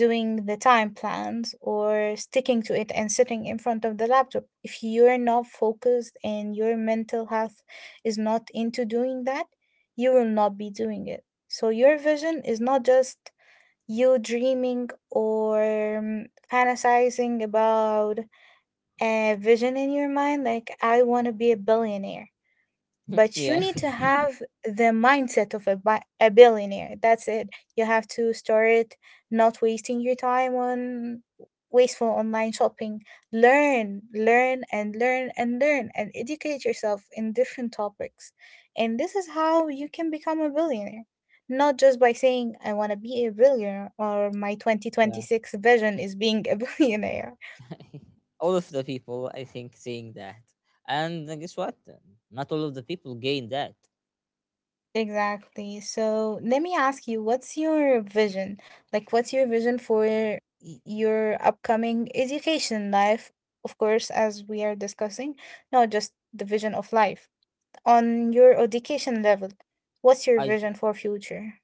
Speaker 2: doing the time plans or sticking to it and sitting in front of the laptop. If you're not focused and your mental health is not into doing that, you will not be doing it. So your vision is not just you dreaming or fantasizing about a vision in your mind like I want to be a billionaire, but you
Speaker 1: Yeah,
Speaker 2: need to have the mindset of a billionaire. That's it. You have to start not wasting your time on wasteful online shopping. Learn, learn and learn and learn and educate yourself in different topics, and this is how you can become a billionaire, not just by saying I want to be a billionaire or my
Speaker 1: yeah.
Speaker 2: 2026 vision is being a billionaire.
Speaker 1: All of the people, I think, saying that. And guess what? Not all of the people gain that.
Speaker 2: Exactly. So let me ask you, what's your vision? Like, what's your vision for your upcoming education life? Of course, as we are discussing, not just the vision of life. On your education level, what's your
Speaker 1: I.
Speaker 2: vision for future?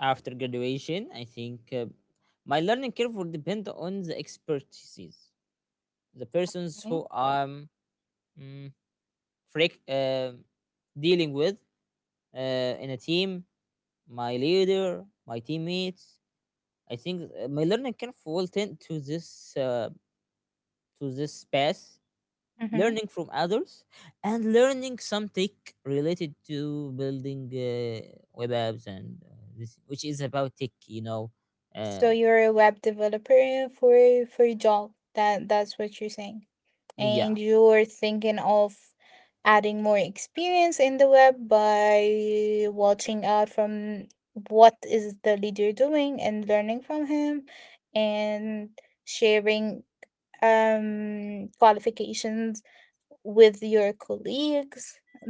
Speaker 1: After graduation, I think my learning curve will depend on the expertise, the persons who I'm mm, freak, uh, dealing with in a team, my leader, my teammates. I think my learning curve will tend to this path,
Speaker 2: Mm-hmm.
Speaker 1: learning from others, and learning some tech related to building web apps and this, which is about tech, you know.
Speaker 2: So
Speaker 1: Uh,
Speaker 2: you're a web developer for a job. That that's what you're saying, and
Speaker 1: yeah.
Speaker 2: you're thinking of adding more experience in the web by watching out from what is the leader doing and learning from him, and sharing qualifications with your colleagues.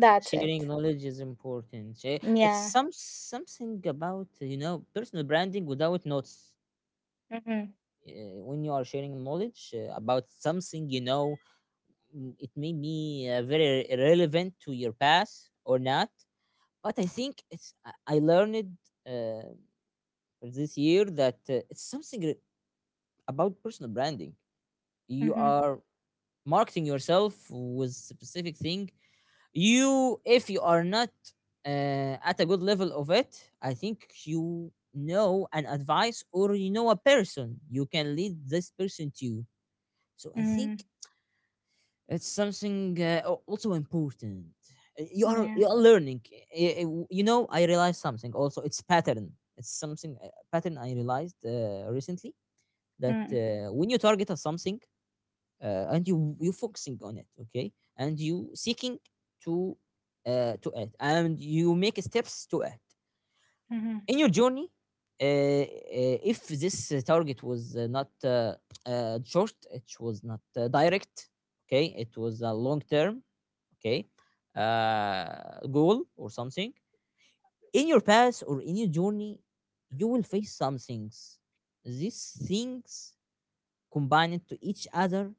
Speaker 2: That's it.
Speaker 1: Sharing knowledge is important. It's
Speaker 2: Yeah.
Speaker 1: something about, you know, personal branding without notes.
Speaker 2: Mm-hmm.
Speaker 1: When you are sharing knowledge about something, you know, it may be very relevant to your past or not. But I think it's I learned uh, this year that it's about personal branding. You
Speaker 2: Mm-hmm.
Speaker 1: are marketing yourself with specific thing. You, if you are not at a good level of it, I think you know an advice, or you know a person you can lead this person to. So I think
Speaker 2: Mm-hmm.
Speaker 1: it's something also important.
Speaker 2: Yeah.
Speaker 1: You are learning. You know, I realized something also, it's pattern, it's something a pattern I realized recently, that when you target at something, and you focusing on it, okay, and you seeking to to it, and you make steps to it
Speaker 2: Mm-hmm.
Speaker 1: in your journey, if this target was not short, it was not direct, okay, it was a long term, okay, goal or something in your path or in your journey, you will face some things. These things combined to each other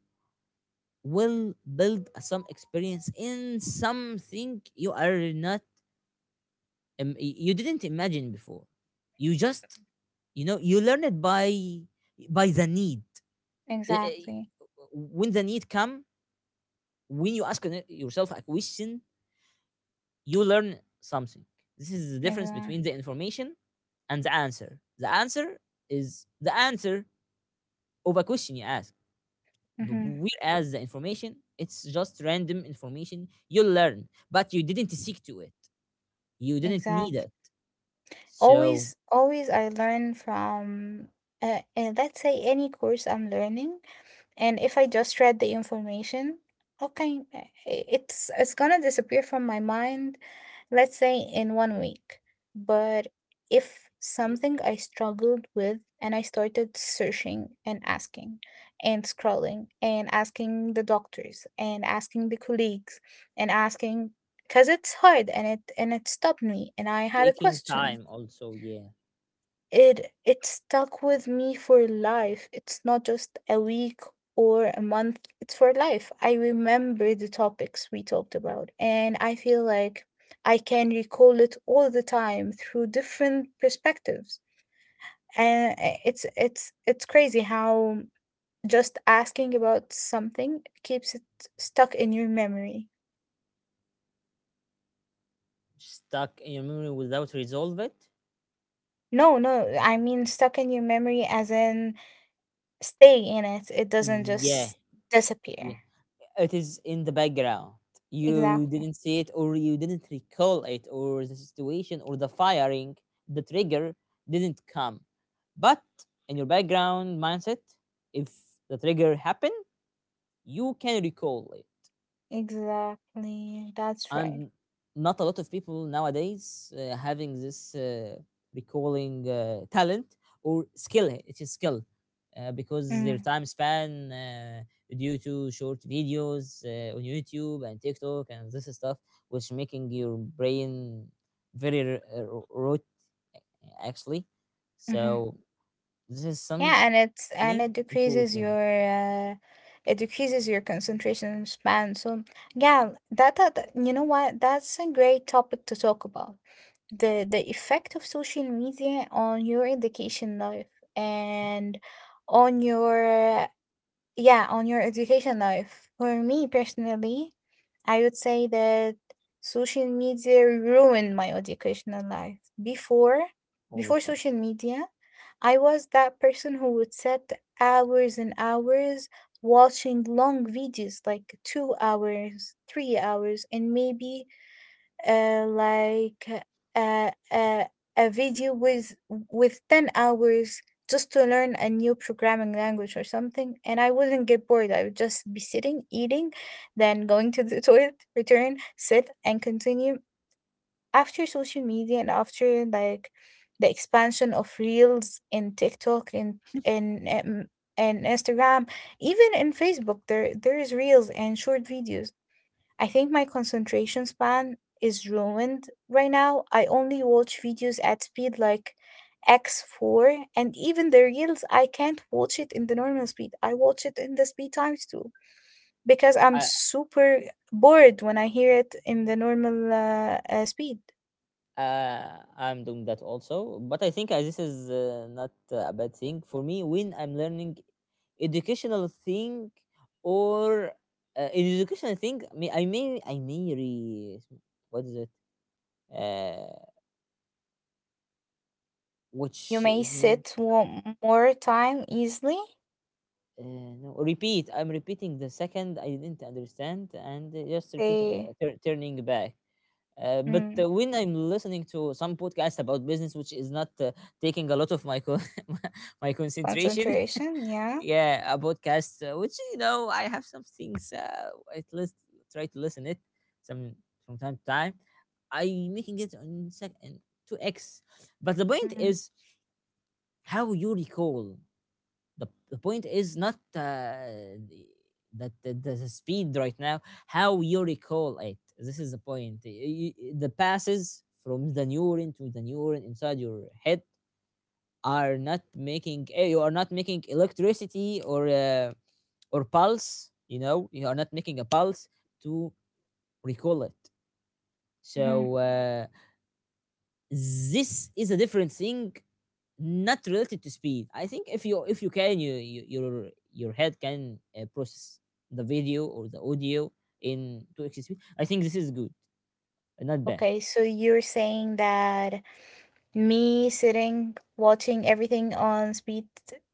Speaker 1: will build some experience in something you are not you didn't imagine before. You just, you know, you learn it by the need. Uh, uh,
Speaker 2: Exactly.
Speaker 1: when the need come, when you yourself a question, you learn something. This is the difference
Speaker 2: Exactly.
Speaker 1: between the information and the answer. The answer is the answer of a question you ask. B-
Speaker 2: Mm-hmm.
Speaker 1: whereas the information, it's just random information you learn, but you didn't seek to it, you didn't need
Speaker 2: Exactly.
Speaker 1: it. So,
Speaker 2: Always, always I learn from, let's say, any course I'm learning, and if I just read the information, okay, it's gonna disappear from my mind, let's say in 1 week. But if something I struggled with and I started searching and asking and scrolling and asking the doctors and asking the colleagues and asking because it's hard and it stopped me and I had a
Speaker 1: taking
Speaker 2: question,
Speaker 1: time also, yeah.
Speaker 2: it stuck with me for life. It's not just a week or a month. It's for life. I remember the topics we talked about and I feel like I can recall it all the time through different perspectives. And it's crazy how just asking about something keeps it stuck in your memory.
Speaker 1: Stuck in your memory without resolve it.
Speaker 2: No, no, I mean stuck in your memory as in stay in it. It doesn't
Speaker 1: Yeah.
Speaker 2: just
Speaker 1: Yeah,
Speaker 2: disappear.
Speaker 1: it is in the background. You
Speaker 2: Exactly.
Speaker 1: didn't see it, or you didn't recall it, or the situation or the firing, the trigger didn't come. But in your background mindset, if the trigger happened, you can recall it.
Speaker 2: Exactly. That's right.
Speaker 1: And not a lot of people nowadays having this recalling talent or skill. It is skill. Because their
Speaker 2: Mm,
Speaker 1: time span, due to short videos on YouTube and TikTok and this stuff, which making your brain very rote, actually.
Speaker 2: hmm.
Speaker 1: So this is something
Speaker 2: Yeah, and it's and
Speaker 1: important.
Speaker 2: it decreases your concentration span. So yeah, you know what? That's a great topic to talk about. The effect of social media on your education life and on your, yeah, on your education life. For me personally, I would say that social media ruined my educational life. Before,
Speaker 1: All
Speaker 2: before
Speaker 1: of
Speaker 2: social
Speaker 1: us.
Speaker 2: media, I was that person who would set hours and hours watching long videos like 2 hours, 3 hours, and maybe uh, like uh, uh, a video with 10 hours just to learn a new programming language or something, and I wouldn't get bored. I would just be sitting eating, then going to the toilet, return sit and continue. After social media and after like the expansion of reels in TikTok and Instagram, even in Facebook there there is reels and short videos, I think my concentration span is ruined right now. I only watch videos at speed like X4, and even the reels, I can't watch it in the normal speed. I watch it in the speed times two because I'm
Speaker 1: I,
Speaker 2: super bored when I hear it in the normal speed.
Speaker 1: I'm doing that also. But I think this is not a bad thing for me when I'm learning educational thing, or educational thing. I may, I may re what is it? Uh,
Speaker 2: You
Speaker 1: which
Speaker 2: may
Speaker 1: is mean.
Speaker 2: sit one more time easily.
Speaker 1: Uh, no, repeat. I'm repeating the second I didn't understand and just repeating,
Speaker 2: Say,
Speaker 1: turning back. But
Speaker 2: mm,
Speaker 1: when I'm listening to some podcast about business, which is not taking a lot of my my concentration,
Speaker 2: concentration, yeah.
Speaker 1: yeah. A podcast which, you know, I have some things at least try to listen it some from time to time. I making it on second two x. But the point
Speaker 2: Mm,
Speaker 1: is, how you recall the point is not that the speed right now. How you recall it, this is the point. The passes from the neuron to the neuron inside your head are not making you are not making electricity or pulse. You know, you are not making a pulse to recall it. So
Speaker 2: mhm.
Speaker 1: this is a different thing, not related to speed. I think if you, if you can you your head can process the video or the audio in 2x speed, I think this is good, not bad.
Speaker 2: Okay, so you're saying that me sitting watching everything on speed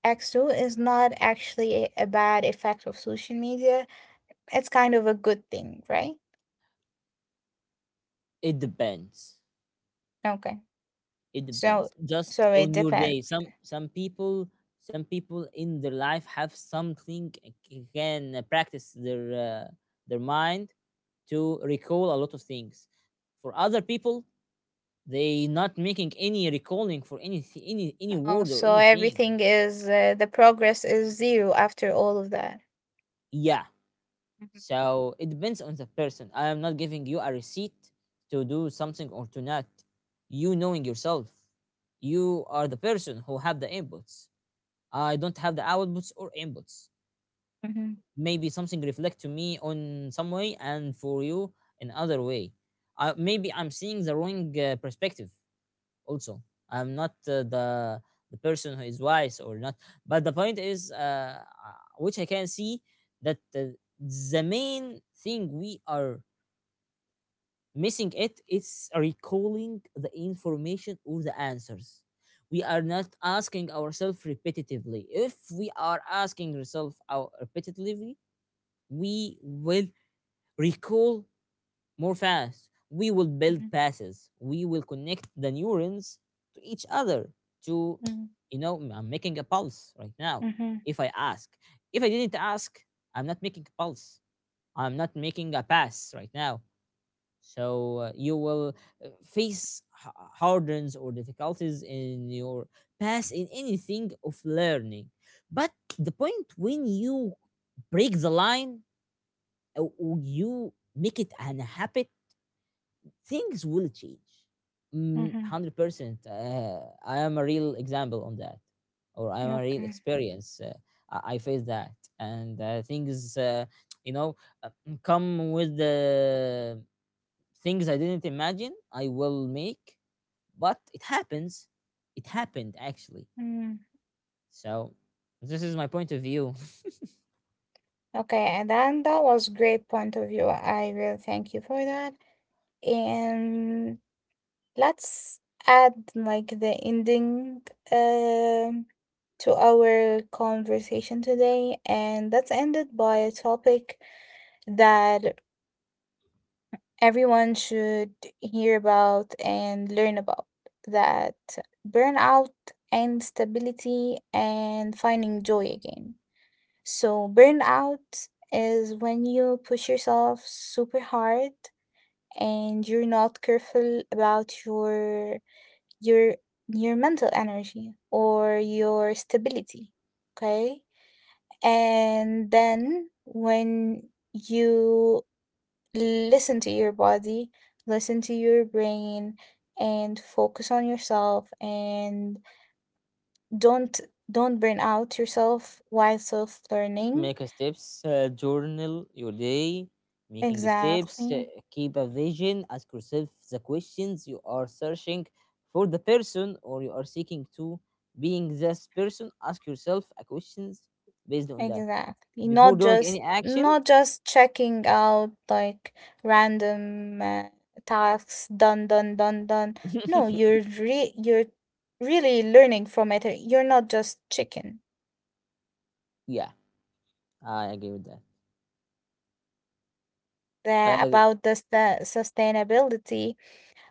Speaker 2: X2 is not actually a bad effect of social media. It's kind of a good thing, right?
Speaker 1: It depends.
Speaker 2: Okay.
Speaker 1: It
Speaker 2: So
Speaker 1: depends. Just
Speaker 2: so it
Speaker 1: on your day.
Speaker 2: depends.
Speaker 1: Some people, some people in their life have something can practice their mind to recall a lot of things. For other people, they not making any recalling for any
Speaker 2: Oh,
Speaker 1: word or
Speaker 2: so
Speaker 1: anything.
Speaker 2: everything is the progress is zero after all of that.
Speaker 1: Yeah.
Speaker 2: Mhm,
Speaker 1: So it depends on the person. I am not giving you a receipt to do something or to not. You knowing yourself, you are the person who have the inputs. I don't have the outputs or inputs.
Speaker 2: mhm,
Speaker 1: Maybe something reflect to me on some way and for you in other way. I, maybe I'm seeing the wrong perspective. Also, I'm not the person who is wise or not. But the point is, which I can see that the main thing we are missing it is recalling the information or the answers. We are not asking ourselves repetitively. If we are asking ourselves our repetitively, we will recall more fast. We will build
Speaker 2: mhm,
Speaker 1: passes. We will connect the neurons to each other. To, you know, I'm making a pulse right now.
Speaker 2: mhm, mhm,
Speaker 1: If I ask, if I didn't ask, I'm not making a pulse. I'm not making a pass right now. So you will face hurdles or difficulties in your past in anything of learning. But the point, when you break the line, or you make it an habit, things will change. Mm,
Speaker 2: mhm.
Speaker 1: 100% I am a real example on that, or I am a real
Speaker 2: Okay.
Speaker 1: experience. I faced that, and things you know, uh, come with the things I didn't imagine I will make, but it happens. It happened actually.
Speaker 2: Mm.
Speaker 1: So this is my point of view.
Speaker 2: Okay, and then that was great point of view. I really thank you for that. And let's add like the ending um, to our conversation today, and that's ended by a topic that everyone should hear about and learn about, that burnout and stability and finding joy again. So, burnout is when you push yourself super hard and you're not careful about your your your mental energy or your stability, okay, and then when you listen to your body, listen to your brain, and focus on yourself and don't don't burn out yourself while self learning.
Speaker 1: Make a steps, journal your day, making steps,
Speaker 2: Exactly.
Speaker 1: keep a vision, ask yourself the questions you are searching for the person, or you are seeking to being this person. Ask yourself a questions based on that
Speaker 2: Exactly.
Speaker 1: before
Speaker 2: Not
Speaker 1: doing any
Speaker 2: just,
Speaker 1: action.
Speaker 2: checking out like random tasks. Done, done, done, done. No, you're really learning from it. You're not just chicken.
Speaker 1: Yeah, I agree with that.
Speaker 2: The,
Speaker 1: Uh,
Speaker 2: about the sustainability,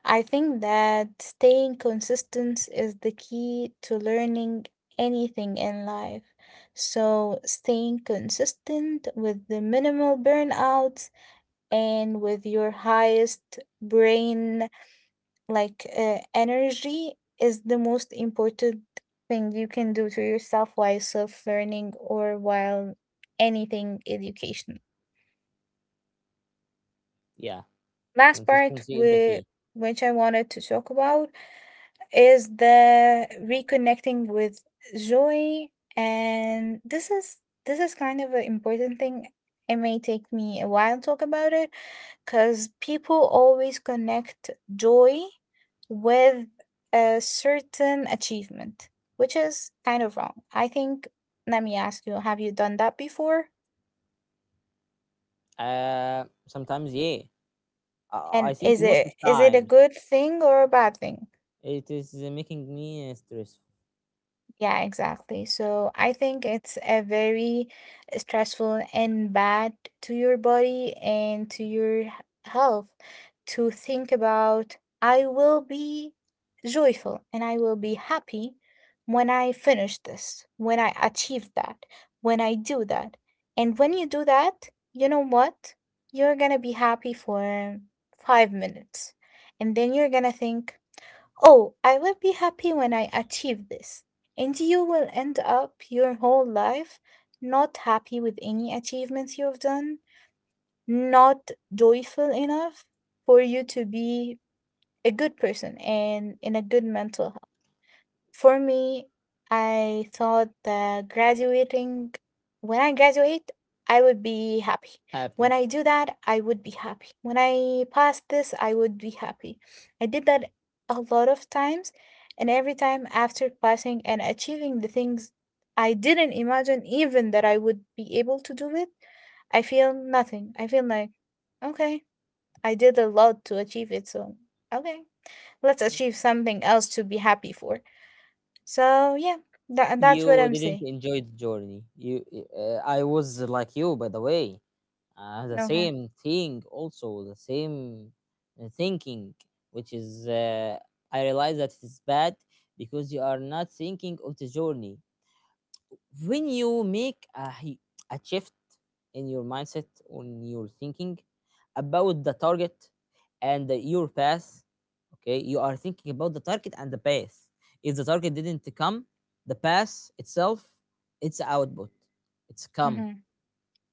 Speaker 2: I think that staying consistent is the key to learning anything in life. So staying consistent with the minimal burnout and with your highest brain, like energy, is the most important thing you can do to yourself while self learning, or while anything education.
Speaker 1: yeah,
Speaker 2: Last part
Speaker 1: consistency is the
Speaker 2: we,
Speaker 1: key.
Speaker 2: which I wanted to talk about, is the reconnecting with joy, and this is, this is kind of an important thing. It may take me a while to talk about it because people always connect joy with a certain achievement, which is kind of wrong. I think, let me ask you, have you done that before?
Speaker 1: Sometimes, yeah. I
Speaker 2: And
Speaker 1: think
Speaker 2: is
Speaker 1: most
Speaker 2: it,
Speaker 1: of
Speaker 2: is it a
Speaker 1: times
Speaker 2: good thing or a bad thing?
Speaker 1: it is making me stressful.
Speaker 2: Yeah, exactly. So I think it's a very stressful and bad to your body and to your health, to think about, I will be joyful and I will be happy when I finish this, when I achieve that, when I do that. And when you do that, you know what? You're going to be happy for 5 minutes. And then you're going to think, oh, I will be happy when I achieve this. And you will end up your whole life not happy with any achievements you've done, not joyful enough for you to be a good person and in a good mental. For me, I thought that graduating, when I graduate, I would be happy. When
Speaker 1: Happy.
Speaker 2: I do that, I would be happy. When I pass this, I would be happy. I did that a lot of times, and every time after passing and achieving the things I didn't imagine even that I would be able to do it, I feel nothing. I feel like, okay, I did a lot to achieve it, so okay, let's achieve something else to be happy for. So yeah, that's what
Speaker 1: You
Speaker 2: I'm
Speaker 1: didn't
Speaker 2: saying.
Speaker 1: enjoy the journey. You, I was like you, by the way. The
Speaker 2: Okay.
Speaker 1: same thing, also the same thinking, which is I realize that it's bad because you are not thinking of the journey. When you make a, a shift in your mindset, on your thinking about the target and your path, okay, you are thinking about the target and the path. If the target didn't come, the path itself, it's output, it's come.
Speaker 2: Mhm.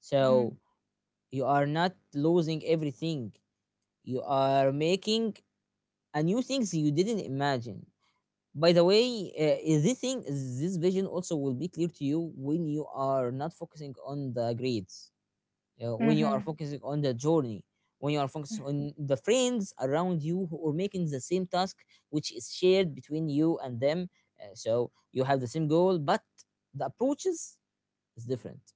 Speaker 1: So
Speaker 2: Mhm.
Speaker 1: you are not losing everything. You are making a new things you didn't imagine. By the way, this thing, this vision also will be clear to you when you are not focusing on the grades, when you are
Speaker 2: Mhm.
Speaker 1: focusing on the journey, when you are focusing on the friends around you who are making the same task, which is shared between you and them. So you have the same goal, but the approaches is different.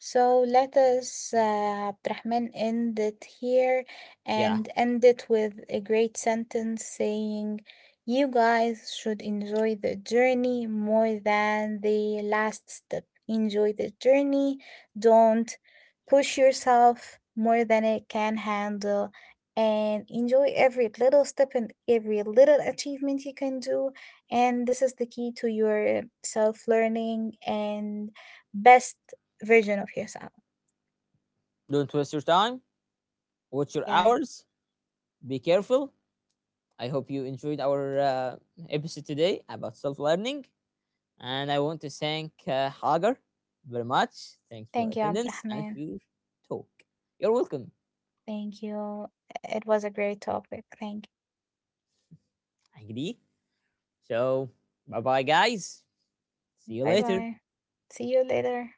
Speaker 2: So let us, Abdurrahman, end it here
Speaker 1: Yeah,
Speaker 2: and end it with a great sentence saying, you guys should enjoy the journey more than the last step. Enjoy the journey. Don't push yourself more than it can handle. And enjoy every little step and every little achievement you can do. And this is the key to your self learning and best version of yourself.
Speaker 1: don't waste your time. Watch your
Speaker 2: Yeah.
Speaker 1: hours. Be careful. I hope you enjoyed our episode today about self learning. And I want to thank Hagar very much. Thanks for
Speaker 2: Thank you,
Speaker 1: attendance and for
Speaker 2: Abdurrahman.
Speaker 1: your talk. You're welcome,
Speaker 2: Thank you. It was a great topic. Thank
Speaker 1: Agri. So, bye bye, guys.
Speaker 2: you.
Speaker 1: See you
Speaker 2: Bye
Speaker 1: later.
Speaker 2: bye. See you later.